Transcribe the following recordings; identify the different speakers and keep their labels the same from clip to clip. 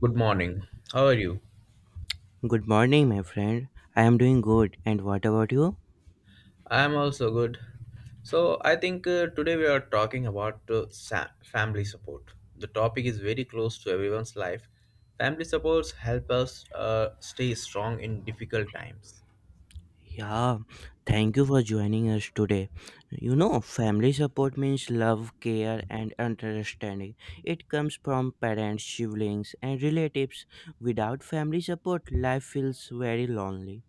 Speaker 1: Good morning. How are you?
Speaker 2: Good morning, my friend. I am doing good. And what about you?
Speaker 1: I am also good. So, I think today we are talking about sa- family support. The topic is very close to everyone's life. Family supports help us stay strong in difficult times.
Speaker 2: Yeah, thank you for joining us today. You know, family support means love, care, and understanding. It comes from parents, siblings, and relatives. Without family support, life feels very lonely.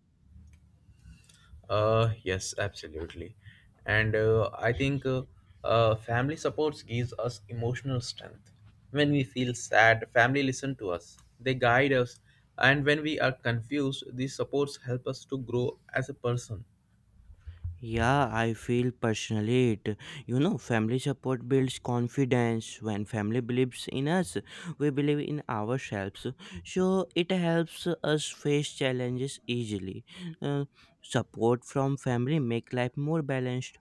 Speaker 1: Yes, absolutely. And I think family supports gives us emotional strength. When we feel sad, family listen to us. They guide us, and when we are confused, these supports help us to grow as a person.
Speaker 2: Yeah, I feel personally it. You know, family support builds confidence. When family believes in us, we believe in ourselves. So it helps us face challenges easily. Uh, Support from family make life more balanced.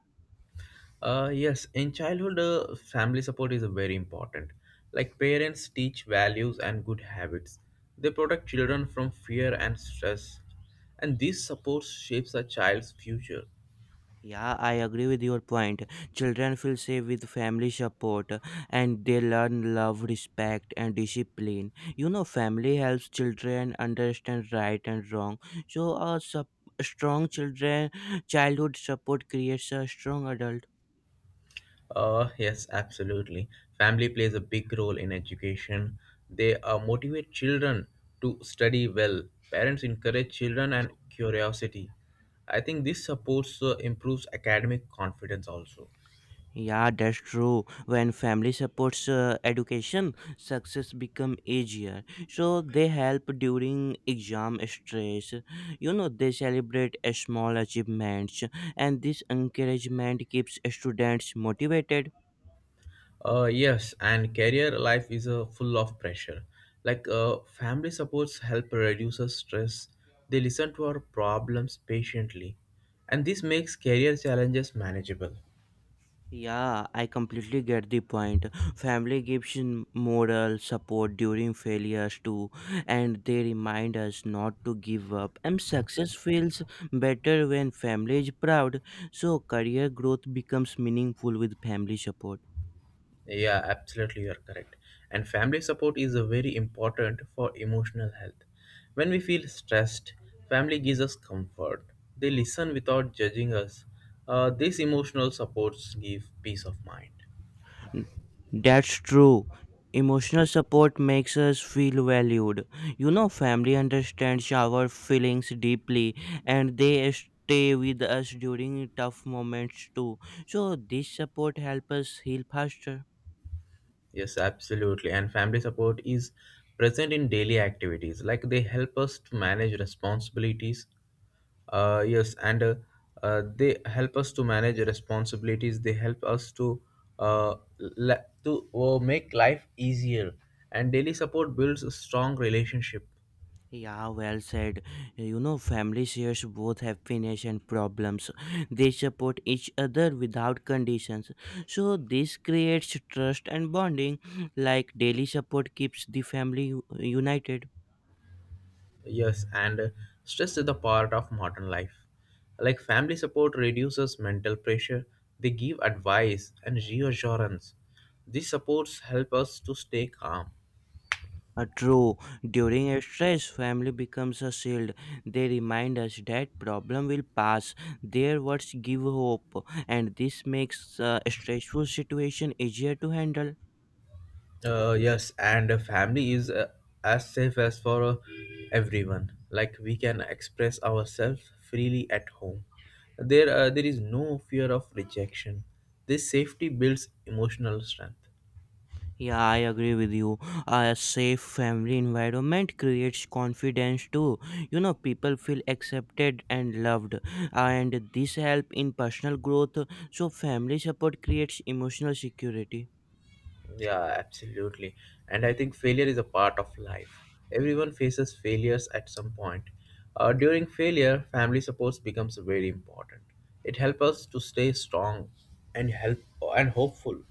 Speaker 1: Yes, in childhood, family support is very important. Like parents teach values and good habits. They protect children from fear and stress. And this support shapes a child's future.
Speaker 2: Yeah, I agree with your point. Children feel safe with family support and they learn love, respect, and discipline. You know, family helps children understand right and wrong. So, strong children childhood support creates a strong adult.
Speaker 1: Yes, absolutely. Family plays a big role in education. They motivate children to study well. Parents encourage children and curiosity. I think this supports improves academic confidence also.
Speaker 2: Yeah, that's true. When family supports education, success become easier. So they help during exam stress. You know, they celebrate a small achievements and this encouragement keeps students motivated.
Speaker 1: Yes, and career life is full of pressure. Like family supports help reduce our stress. They listen to our problems patiently, and this makes career challenges manageable.
Speaker 2: Yeah, I completely get the point. Family gives in moral support during failures too, and they remind us not to give up. And success feels better when family is proud, so career growth becomes meaningful with family support.
Speaker 1: Yeah, absolutely, you are correct. And family support is very important for emotional health. When we feel stressed, family gives us comfort. They listen without judging us. This emotional supports give peace of mind.
Speaker 2: That's true. Emotional support makes us feel valued. You know, family understands our feelings deeply and they stay with us during tough moments too. So, this support helps us heal faster.
Speaker 1: Yes, absolutely. And family support is present in daily activities, like they help us to manage responsibilities. Yes, and They help us to manage responsibilities. They help us to make life easier. And daily support builds a strong relationship.
Speaker 2: Yeah, well said. You know, family shares both happiness and problems. They support each other without conditions. So, this creates trust and bonding, like daily support keeps the family united.
Speaker 1: Yes, and stress is the part of modern life. Like family support reduces mental pressure, they give advice and reassurance. These supports help us to stay calm.
Speaker 2: True. During a stress, family becomes a shield. They remind us that problem will pass. Their words give hope, and this makes a stressful situation easier to handle.
Speaker 1: Yes, and a family is as safe as for everyone. Like we can express ourselves freely at home. There is no fear of rejection. This safety builds emotional strength.
Speaker 2: Yeah, I agree with you. A safe family environment creates confidence too. You know, people feel accepted and loved, and this help in personal growth. So, family support creates emotional security.
Speaker 1: Yeah, absolutely. And I think failure is a part of life. Everyone faces failures at some point. During failure, family support becomes very important. It helps us to stay strong and help and hopeful.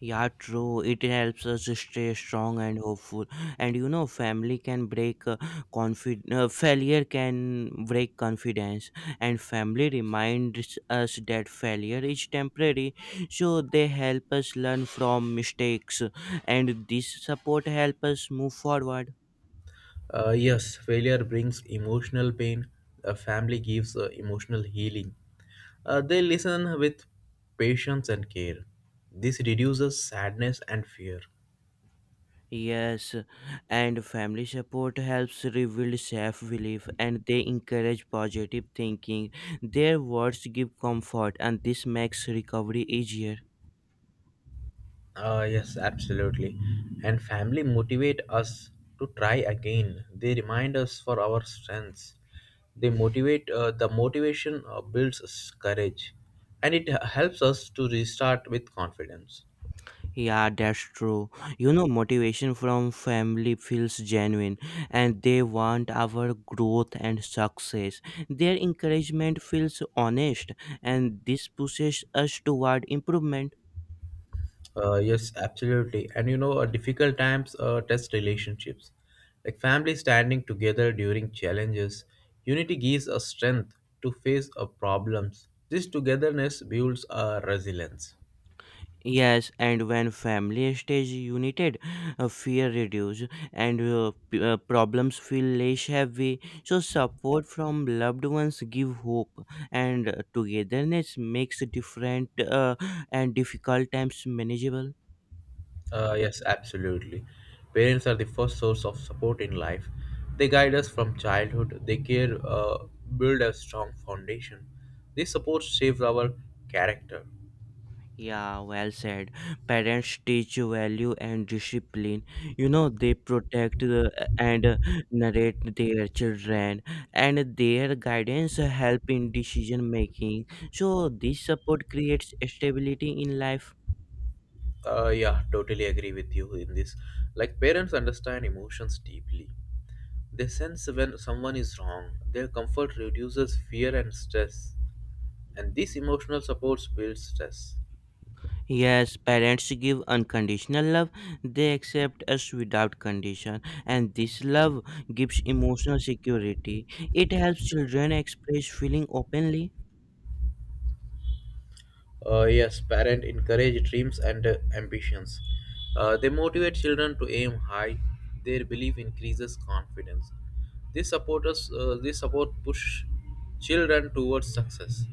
Speaker 2: Yeah, true. It helps us stay strong and hopeful. And you know, family can break confid. Failure can break confidence, and family reminds us that failure is temporary. So they help us learn from mistakes, and this support help us move forward.
Speaker 1: Yes, failure brings emotional pain. A family gives emotional healing. They listen with patience and care. This reduces sadness and fear.
Speaker 2: Yes, and family support helps rebuild self belief and they encourage positive thinking. Their words give comfort and this makes recovery easier.
Speaker 1: Yes, absolutely. And family motivate us to try again. They remind us for our strengths. They motivate. The motivation builds us courage, and helps us to restart with confidence.
Speaker 2: Yeah, that's true. You know, motivation from family feels genuine and they want our growth and success. Their encouragement feels honest and this pushes us toward improvement.
Speaker 1: Yes, absolutely. And you know, difficult times test relationships. Like family standing together during challenges, unity gives us strength to face problems. This togetherness builds our resilience.
Speaker 2: Yes, and when family stays united, fear reduces and problems feel less heavy. So support from loved ones give hope, and togetherness makes different and difficult times manageable.
Speaker 1: Yes, absolutely. Parents are the first source of support in life. They guide us from childhood. They care, build a strong foundation. This support shapes our character.
Speaker 2: Yeah, well said. Parents teach value and discipline. You know, they protect the, and narrate their children, and their guidance help in decision making. So, this support creates stability in life.
Speaker 1: Yeah, totally agree with you in this. Like parents understand emotions deeply. They sense when someone is wrong. Their comfort reduces fear and stress. And this emotional support builds stress.
Speaker 2: Yes, parents give unconditional love. They accept us without condition, and this love gives emotional security. It helps children express feeling openly.
Speaker 1: Yes, parents encourage dreams and ambitions. They motivate children to aim high. Their belief increases confidence. This support push children towards success.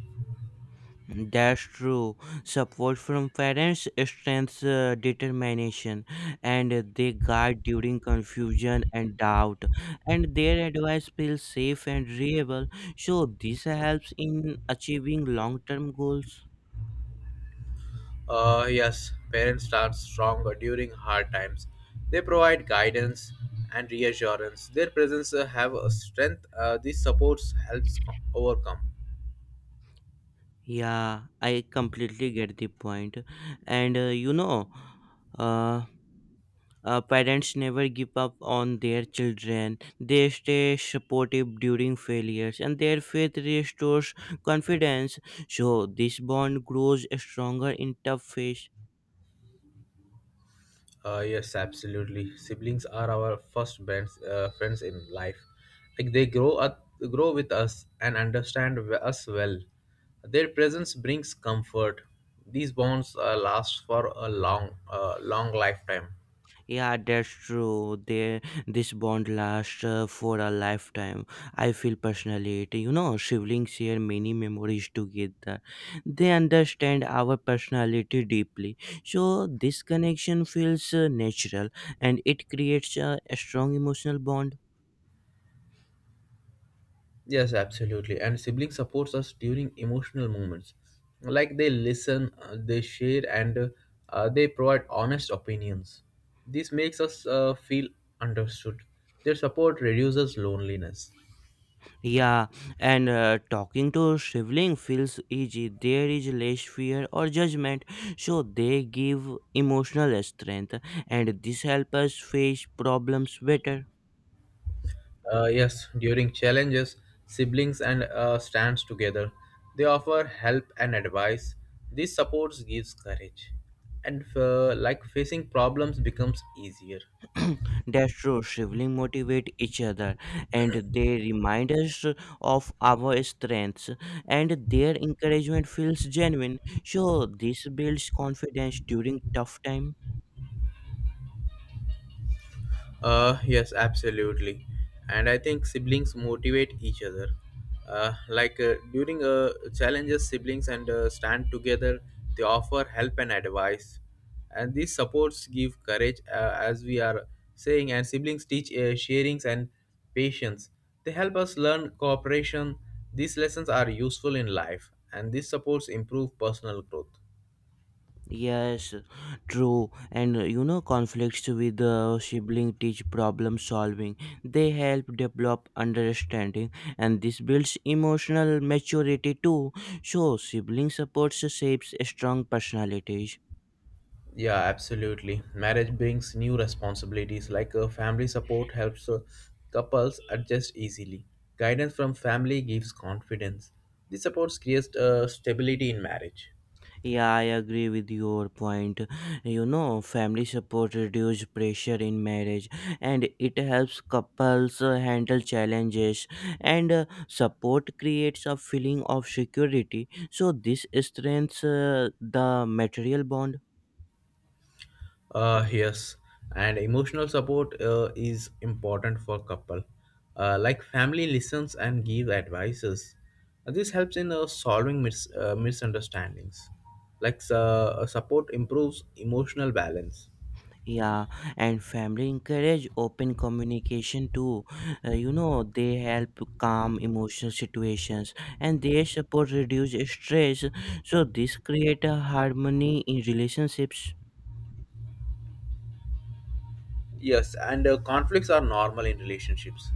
Speaker 2: That's true. Support from parents strengthens determination and they guide during confusion and doubt, and their advice feels safe and reliable. So, this helps in achieving long term goals.
Speaker 1: Yes, parents start stronger during hard times. They provide guidance and reassurance. Their presence have a strength. This supports helps co- overcome.
Speaker 2: Yeah, I completely get the point. And you know, uh, parents never give up on their children. They stay supportive during failures and their faith restores confidence, so this bond grows stronger in tough phase.
Speaker 1: Yes, absolutely. Siblings are our first friends in life. Like they grow with us and understand us well. Their presence brings comfort. These bonds last for a long lifetime.
Speaker 2: Yeah, that's true. They This bond lasts for a lifetime. I feel personally it. You know, siblings share many memories together. They understand our personality deeply, so this connection feels natural and it creates a strong emotional bond.
Speaker 1: Yes, absolutely. And sibling supports us during emotional moments. Like they listen, they share, and they provide honest opinions. This makes us feel understood. Their support reduces loneliness.
Speaker 2: Yeah, and talking to sibling feels easy. There is less fear or judgment, so they give emotional strength, and this helps us face problems better.
Speaker 1: Yes, during challenges, siblings and stands together. They offer help and advice. This support gives courage, and like facing problems becomes easier.
Speaker 2: That's true. Siblings motivate each other and they remind us of our strengths, and their encouragement feels genuine. So, this builds confidence during tough time.
Speaker 1: Yes, absolutely. And I think siblings motivate each other. Like during challenges, siblings and stand together. They offer help and advice, and these supports give courage, as we are saying. And siblings teach sharings and patience. They help us learn cooperation. These lessons are useful in life, and these supports improve personal growth.
Speaker 2: Yes, true. And you know, conflicts with the sibling teach problem solving. They help develop understanding, and this builds emotional maturity too. So, sibling supports shapes strong personalities.
Speaker 1: Yeah, absolutely. Marriage brings new responsibilities like family support helps couples adjust easily. Guidance from family gives confidence. This support creates stability in marriage.
Speaker 2: Yeah, I agree with your point. You know, family support reduces pressure in marriage and it helps couples handle challenges and support creates a feeling of security. So this strengthens the material bond.
Speaker 1: Yes, and emotional support is important for couple. Like family listens and give advices. This helps in solving misunderstandings. Like support improves emotional balance.
Speaker 2: Yeah, and family encourage open communication too. You know, they help calm emotional situations and their support reduce stress. So this create a harmony in relationships.
Speaker 1: Yes, and conflicts are normal in relationships.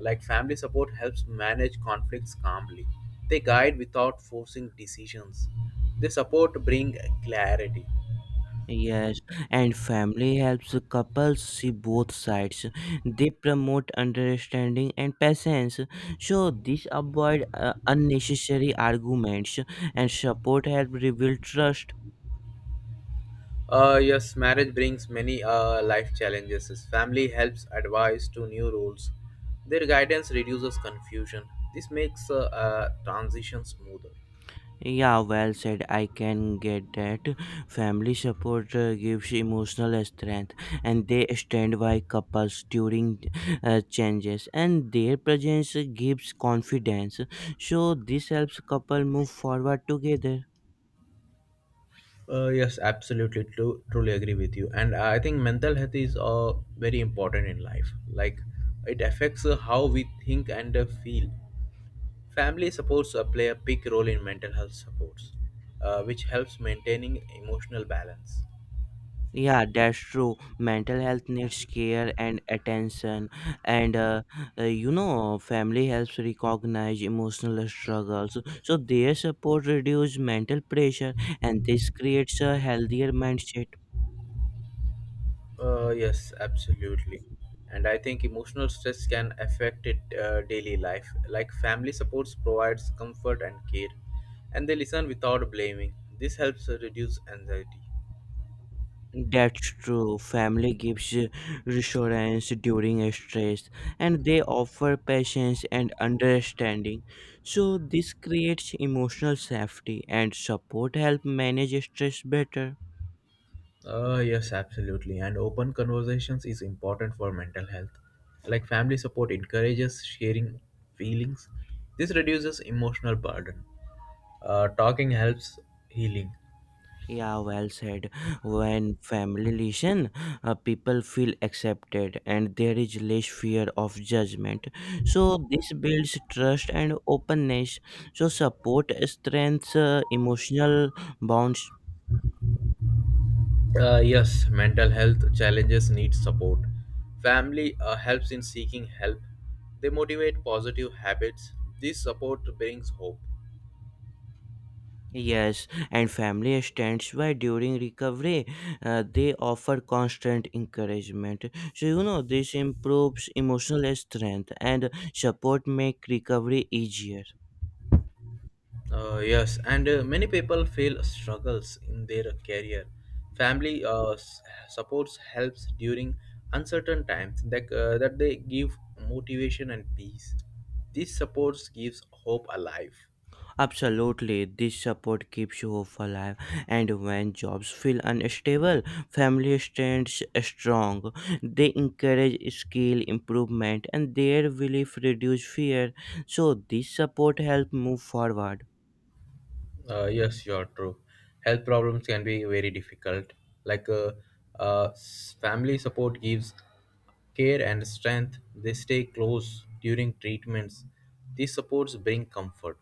Speaker 1: Like family support helps manage conflicts calmly. They guide without forcing decisions. They support bring clarity.
Speaker 2: Yes, and family helps the couples see both sides. They promote understanding and patience. So this avoid unnecessary arguments and support help rebuild trust.
Speaker 1: Yes, marriage brings many life challenges. Family helps advise to new roles. Their guidance reduces confusion. This makes transition smoother.
Speaker 2: Yeah, well said. I can get that. Family support gives emotional strength and they stand by couples during changes and their presence gives confidence. So this helps couple move forward together.
Speaker 1: Yes, absolutely. Truly agree with you. And I think mental health is very important in life. Like, it affects how we think and feel. Family supports play a big role in mental health supports, which helps maintaining emotional balance.
Speaker 2: Yeah, that's true. Mental health needs care and attention, and you know, family helps recognize emotional struggles. So their support reduces mental pressure, and this creates a healthier mindset.
Speaker 1: Yes, absolutely. And I think emotional stress can affect it daily life. Like family supports provides comfort and care, and they listen without blaming. This helps reduce anxiety.
Speaker 2: That's true. Family gives reassurance during stress, and they offer patience and understanding. So this creates emotional safety, and support help manage stress better.
Speaker 1: Yes, absolutely. And open conversations is important for mental health. Like family support encourages sharing feelings. This reduces emotional burden. Talking helps healing.
Speaker 2: Yeah, well said. When family listen, people feel accepted and there is less fear of judgment. So, this builds trust and openness. So, support strengthens emotional bonds.
Speaker 1: Yes, mental health challenges need support. Family helps in seeking help. They motivate positive habits. This support brings hope.
Speaker 2: Yes, and family stands by during recovery. They offer constant encouragement. So, you know, this improves emotional strength and support make recovery easier.
Speaker 1: Yes, and many people feel struggles in their career. Family supports helps during uncertain times that they give motivation and peace. These supports gives hope alive.
Speaker 2: Absolutely, this support keeps you hope alive, and when jobs feel unstable, family stands strong. They encourage skill improvement, and their belief reduce fear. So this support help move forward.
Speaker 1: Yes, you're true. Health problems can be very difficult. Like family support gives care and strength. They stay close during treatments. These supports bring comfort.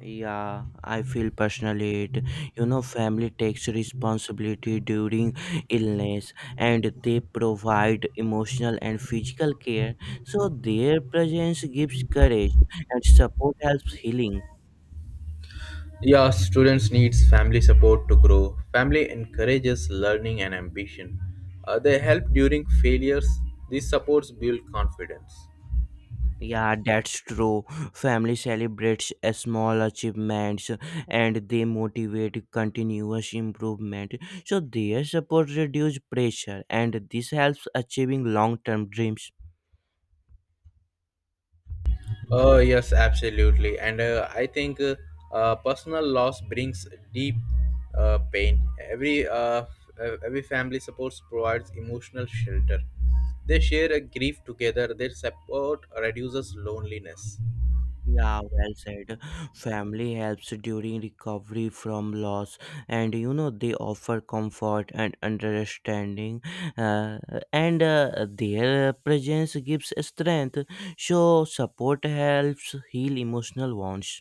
Speaker 2: Yeah, I feel personally it. You know, family takes responsibility during illness, and they provide emotional and physical care. So their presence gives courage, and support helps healing.
Speaker 1: Yeah, students needs family support to grow. Family encourages learning and ambition. They help during failures. These supports build confidence.
Speaker 2: Yeah, that's true. Family celebrates a small achievements and they motivate continuous improvement. So their support reduce pressure and this helps achieving long-term dreams.
Speaker 1: Oh yes, absolutely. And I think personal loss brings deep pain. Every every family supports provides emotional shelter. They share a grief together. Their support reduces loneliness.
Speaker 2: Yeah, well said. Family helps during recovery from loss, and you know they offer comfort and understanding, uh, and their presence gives strength. So support helps heal emotional wounds.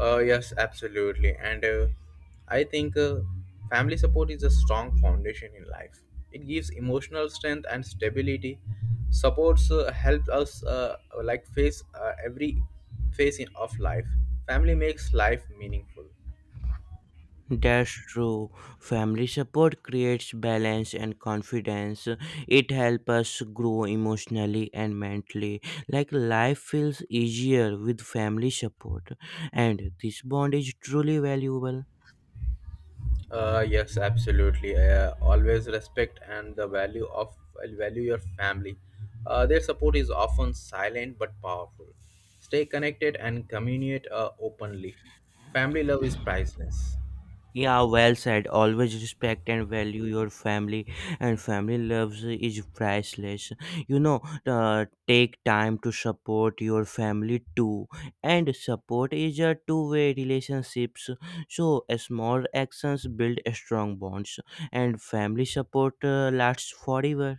Speaker 1: Yes, absolutely. And I think family support is a strong foundation in life. It gives emotional strength and stability. Supports helps us like face every phase of life. Family makes life meaningful.
Speaker 2: That's true. Family support creates balance and confidence. It helps us grow emotionally and mentally. Like life feels easier with family support, and this bond is truly valuable.
Speaker 1: Yes, absolutely. Always respect and the value of well, value your family. Their support is often silent but powerful. Stay connected and communicate openly. Family love is priceless.
Speaker 2: Yeah, well said. Always respect and value your family, and family loves is priceless. You know, take time to support your family too, and support is a two-way relationships. So, small actions build strong bonds, and family support lasts forever.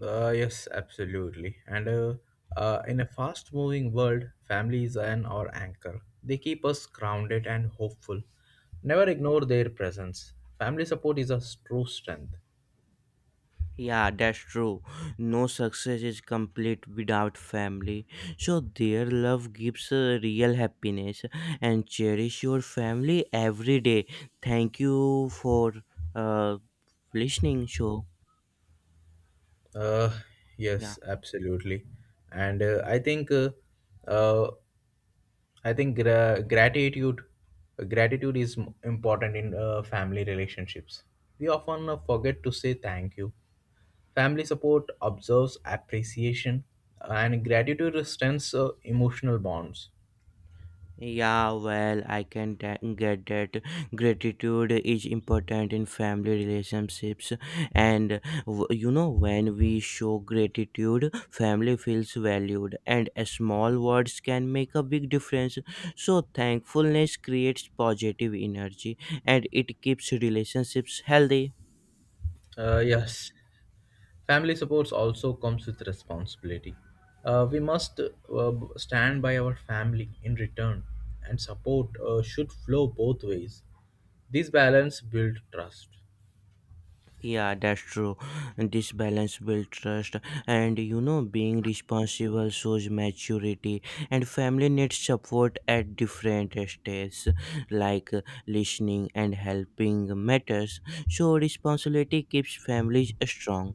Speaker 1: Yes, absolutely. And in a fast-moving world, family is an our anchor. They keep us grounded and hopeful. Never ignore their presence. Family support is a true strength.
Speaker 2: Yeah, that's true. No success is complete without family. So their love gives real happiness and cherish your family every day. Thank you for uh, listening. So,
Speaker 1: Uh,
Speaker 2: yeah.
Speaker 1: yes, absolutely. And uh, I think gra- gratitude gratitude is important in family relationships. We often forget to say thank you. Family support observes appreciation and gratitude strengthens emotional bonds.
Speaker 2: Yeah, well, get that gratitude is important in family relationships, and you know, when we show gratitude, family feels valued, and a small words can make a big difference. So, thankfulness creates positive energy and it keeps relationships healthy.
Speaker 1: Yes, family supports also comes with responsibility. We must stand by our family in return, and support should flow both ways. This balance builds trust.
Speaker 2: Yeah, that's true. This balance builds trust, and you know, being responsible shows maturity. And family needs support at different stages, like listening and helping matters. So, responsibility keeps families strong.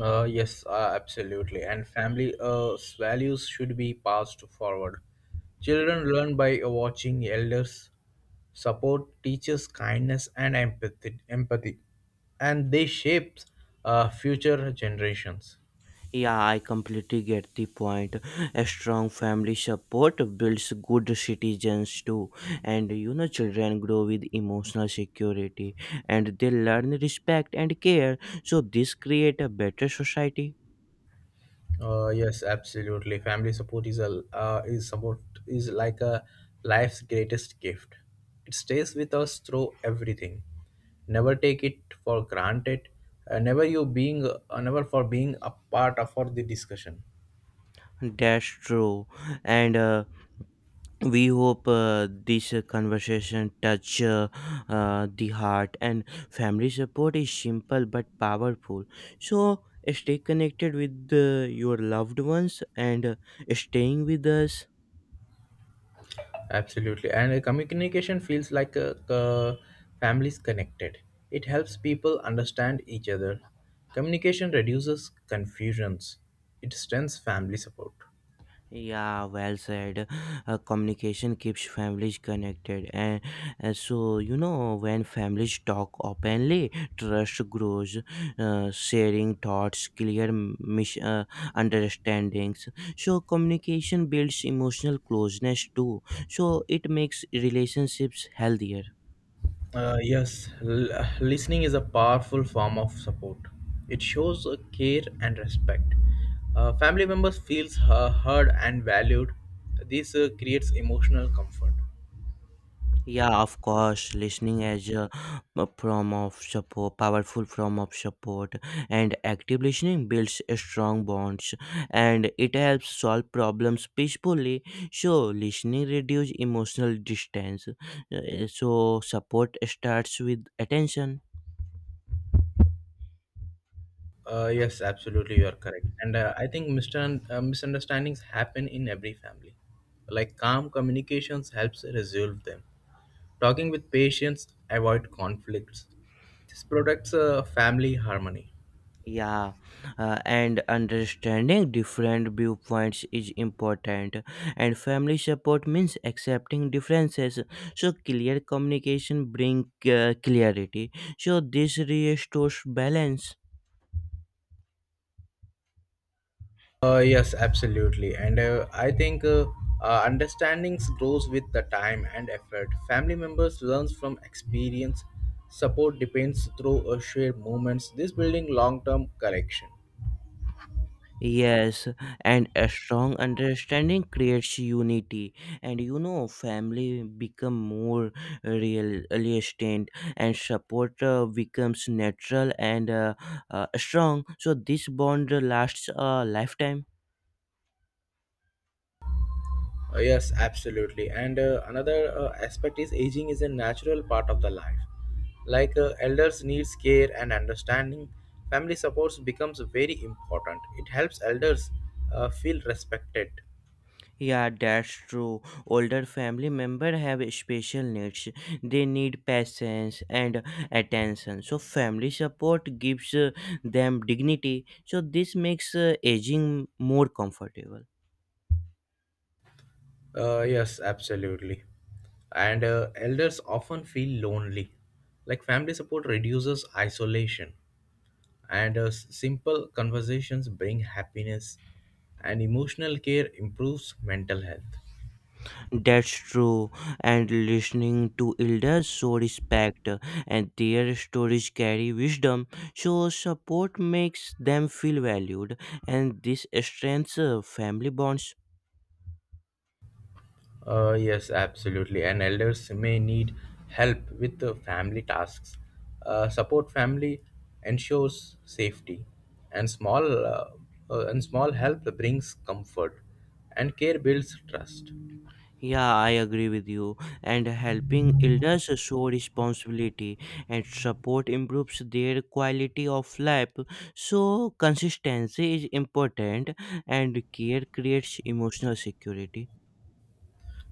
Speaker 1: Yes, absolutely. And family values should be passed forward. Children learn by watching elders. Support teaches kindness and empathy, and they shape future generations.
Speaker 2: Yeah, I completely get the point. A strong family support builds good citizens too, and you know, children grow with emotional security and they learn respect and care, so this create a better society.
Speaker 1: Yes, absolutely. Family support is like a life's greatest gift. It stays with us through everything. Never take it for granted. Never you being never for being a part of for the discussion.
Speaker 2: That's true, and we hope this conversation touch the heart and family support is simple but powerful, so stay connected with your loved ones and staying with us.
Speaker 1: Absolutely, and communication feels like a families connected. It helps people understand each other. Communication reduces confusions. It strengthens family support.
Speaker 2: Yeah, well said. Communication keeps families connected, and so you know when families talk openly, trust grows. Sharing thoughts, clear understandings. So communication builds emotional closeness too. So it makes relationships healthier.
Speaker 1: Uh, yes, l- Listening is a powerful form of support. It shows care and respect. Family members feels heard and valued. This creates emotional comfort.
Speaker 2: Yeah, of course, listening as a form of support, powerful form of support, and active listening builds a strong bonds, and it helps solve problems peacefully. So, listening reduces emotional distance. So, support starts with attention.
Speaker 1: Yes, absolutely, you are correct. And I think mister misunderstandings happen in every family. Like calm communications helps resolve them. Talking with patience avoid conflicts. This protects family harmony.
Speaker 2: Yeah, and understanding different viewpoints is important, and family support means accepting differences. So, clear communication bring clarity. So, this restores balance.
Speaker 1: Yes, absolutely. And I think understandings grows with the time and effort. Family members learns from experience. Support depends through shared moments. This building long-term correction.
Speaker 2: Yes, and a strong understanding creates unity, and you know, family become more real, realistic, and support becomes natural and strong. So this bond lasts a lifetime.
Speaker 1: Yes, absolutely. And another aspect is aging is a natural part of the life. Like elders needs care and understanding, family supports becomes very important. It helps elders feel respected.
Speaker 2: Yeah, that's true. Older family members have special needs. They need patience and attention. So family support gives them dignity. So this makes aging more comfortable.
Speaker 1: Yes, absolutely. And elders often feel lonely. Like family support reduces isolation, and simple conversations bring happiness, and emotional care improves mental health.
Speaker 2: That's true, and listening to elders show respect, and their stories carry wisdom, so support makes them feel valued, and this strengthens family bonds.
Speaker 1: Yes, absolutely. And elders may need help with the family tasks. Support family ensures safety, and small help brings comfort, and care builds trust.
Speaker 2: Yeah, I agree with you. And helping elders show responsibility and support improves their quality of life. So, consistency is important, and care creates emotional security.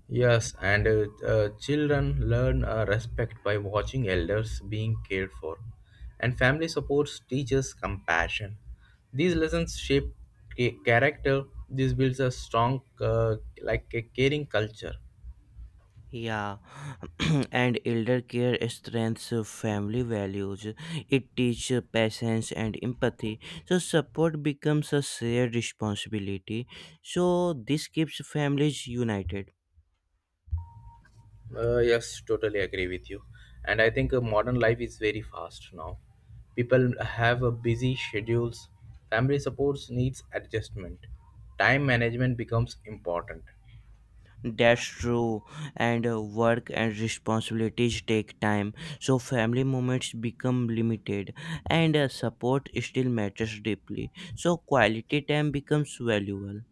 Speaker 1: Yes, and children learn respect by watching elders being cared for, and family supports teaches compassion. These lessons shape character. This builds a like a caring culture.
Speaker 2: Yeah, and elder care strengthens family values. It teaches patience and empathy. So support becomes a shared responsibility. So this keeps families united.
Speaker 1: Yes, totally agree with you. And I think modern life is very fast now. People have a busy schedules. Family supports needs adjustment. Time management becomes important.
Speaker 2: That's true. And work and responsibilities take time. So family moments become limited, and support still matters deeply. So quality time becomes valuable.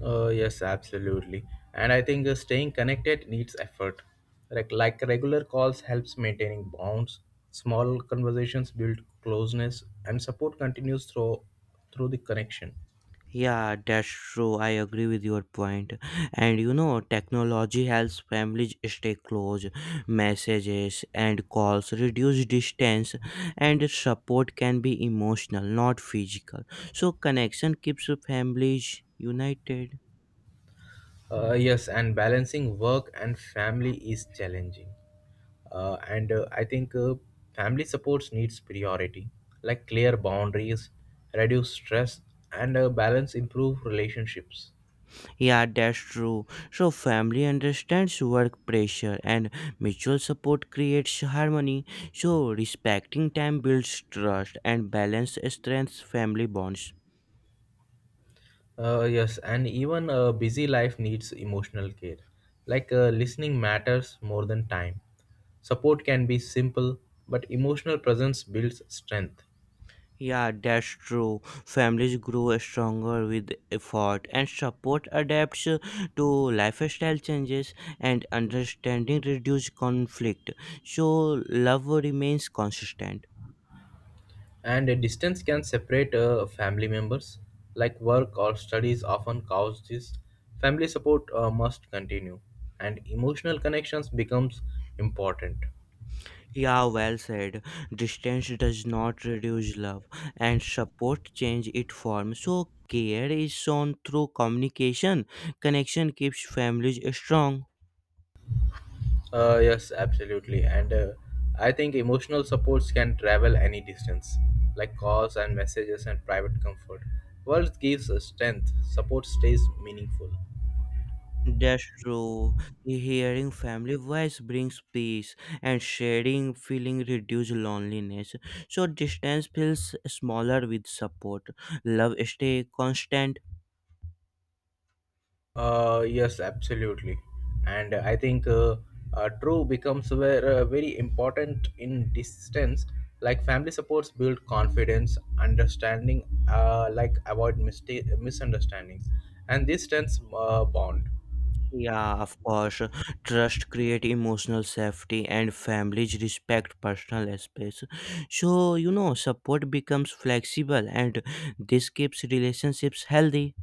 Speaker 1: Oh, yes, absolutely. And I think staying connected needs effort. Like regular calls helps maintaining bonds. Small conversations build closeness, and support continues through the connection.
Speaker 2: Yeah, that's true. I agree with your point. And you know, technology helps families stay close. Messages and calls reduce distance, and support can be emotional, not physical. So, connection keeps families united.
Speaker 1: Uh,
Speaker 2: Um,
Speaker 1: yes, and balancing work and family is challenging. And I think Family supports needs priority, like clear boundaries, reduce stress, and balance improve relationships.
Speaker 2: yeah, that's true. So, family understands work pressure, and mutual support creates harmony. So, respecting time builds trust, and balance strengthens family bonds.
Speaker 1: Yes, and even a busy life needs emotional care. Like listening matters more than time. Support can be simple, but emotional presence builds strength.
Speaker 2: Yeah, that's true. Families grow stronger with effort and support adapts to lifestyle changes and understanding reduce conflict. So love remains consistent.
Speaker 1: And a distance can separate family members. Like work or studies often cause this. Family support must continue, and emotional connections becomes important.
Speaker 2: Yeah, well said. Distance does not reduce love and support change its form. So care is shown through communication. Connection keeps families strong.
Speaker 1: Yes, absolutely. And I think emotional supports can travel any distance, like calls and messages and private comfort. Words gives us strength, support stays meaningful.
Speaker 2: That's true. Hearing family voice brings peace, and sharing feeling reduce loneliness. So distance feels smaller with support. Love stay constant.
Speaker 1: Yes, absolutely. And I think true becomes very important in distance. Like family supports build confidence, understanding, like avoid mistake, misunderstandings, and this strengthens bond.
Speaker 2: Yeah, of course. Trust create emotional safety, and families respect personal space. So you know, support becomes flexible, and this keeps relationships healthy.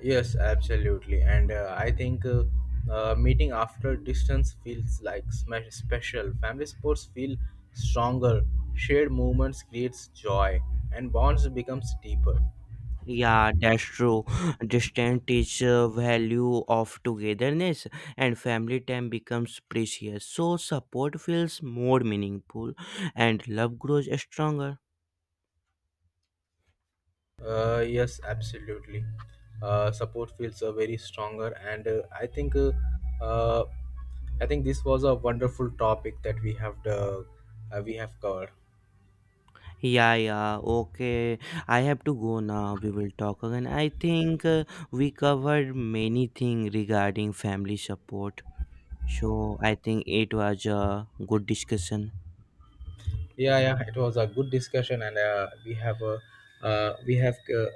Speaker 1: Yes, absolutely. And I think meeting after distance feels like smash special. Family sports feel stronger. Shared moments creates joy, and bonds becomes deeper.
Speaker 2: Yeah, that's true. Distance teach value of togetherness and family time becomes precious. So support feels more meaningful and love grows stronger.
Speaker 1: Yes, absolutely. Support feels very stronger, and uh, I think this was a wonderful topic that we have covered.
Speaker 2: Yeah, yeah, okay. I have to go now. We will talk again. I think we covered many things regarding family support. So I think it was a good discussion.
Speaker 1: Yeah, it was a good discussion and uh, we have uh,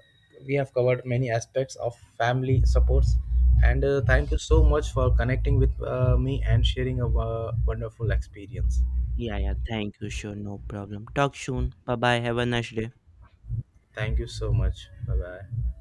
Speaker 1: we have covered many aspects of family supports and thank you so much for connecting with me and sharing a wonderful experience
Speaker 2: Yeah, yeah, thank you. Sure, no problem. Talk soon. Bye bye. Have a nice day.
Speaker 1: thank you so much bye bye.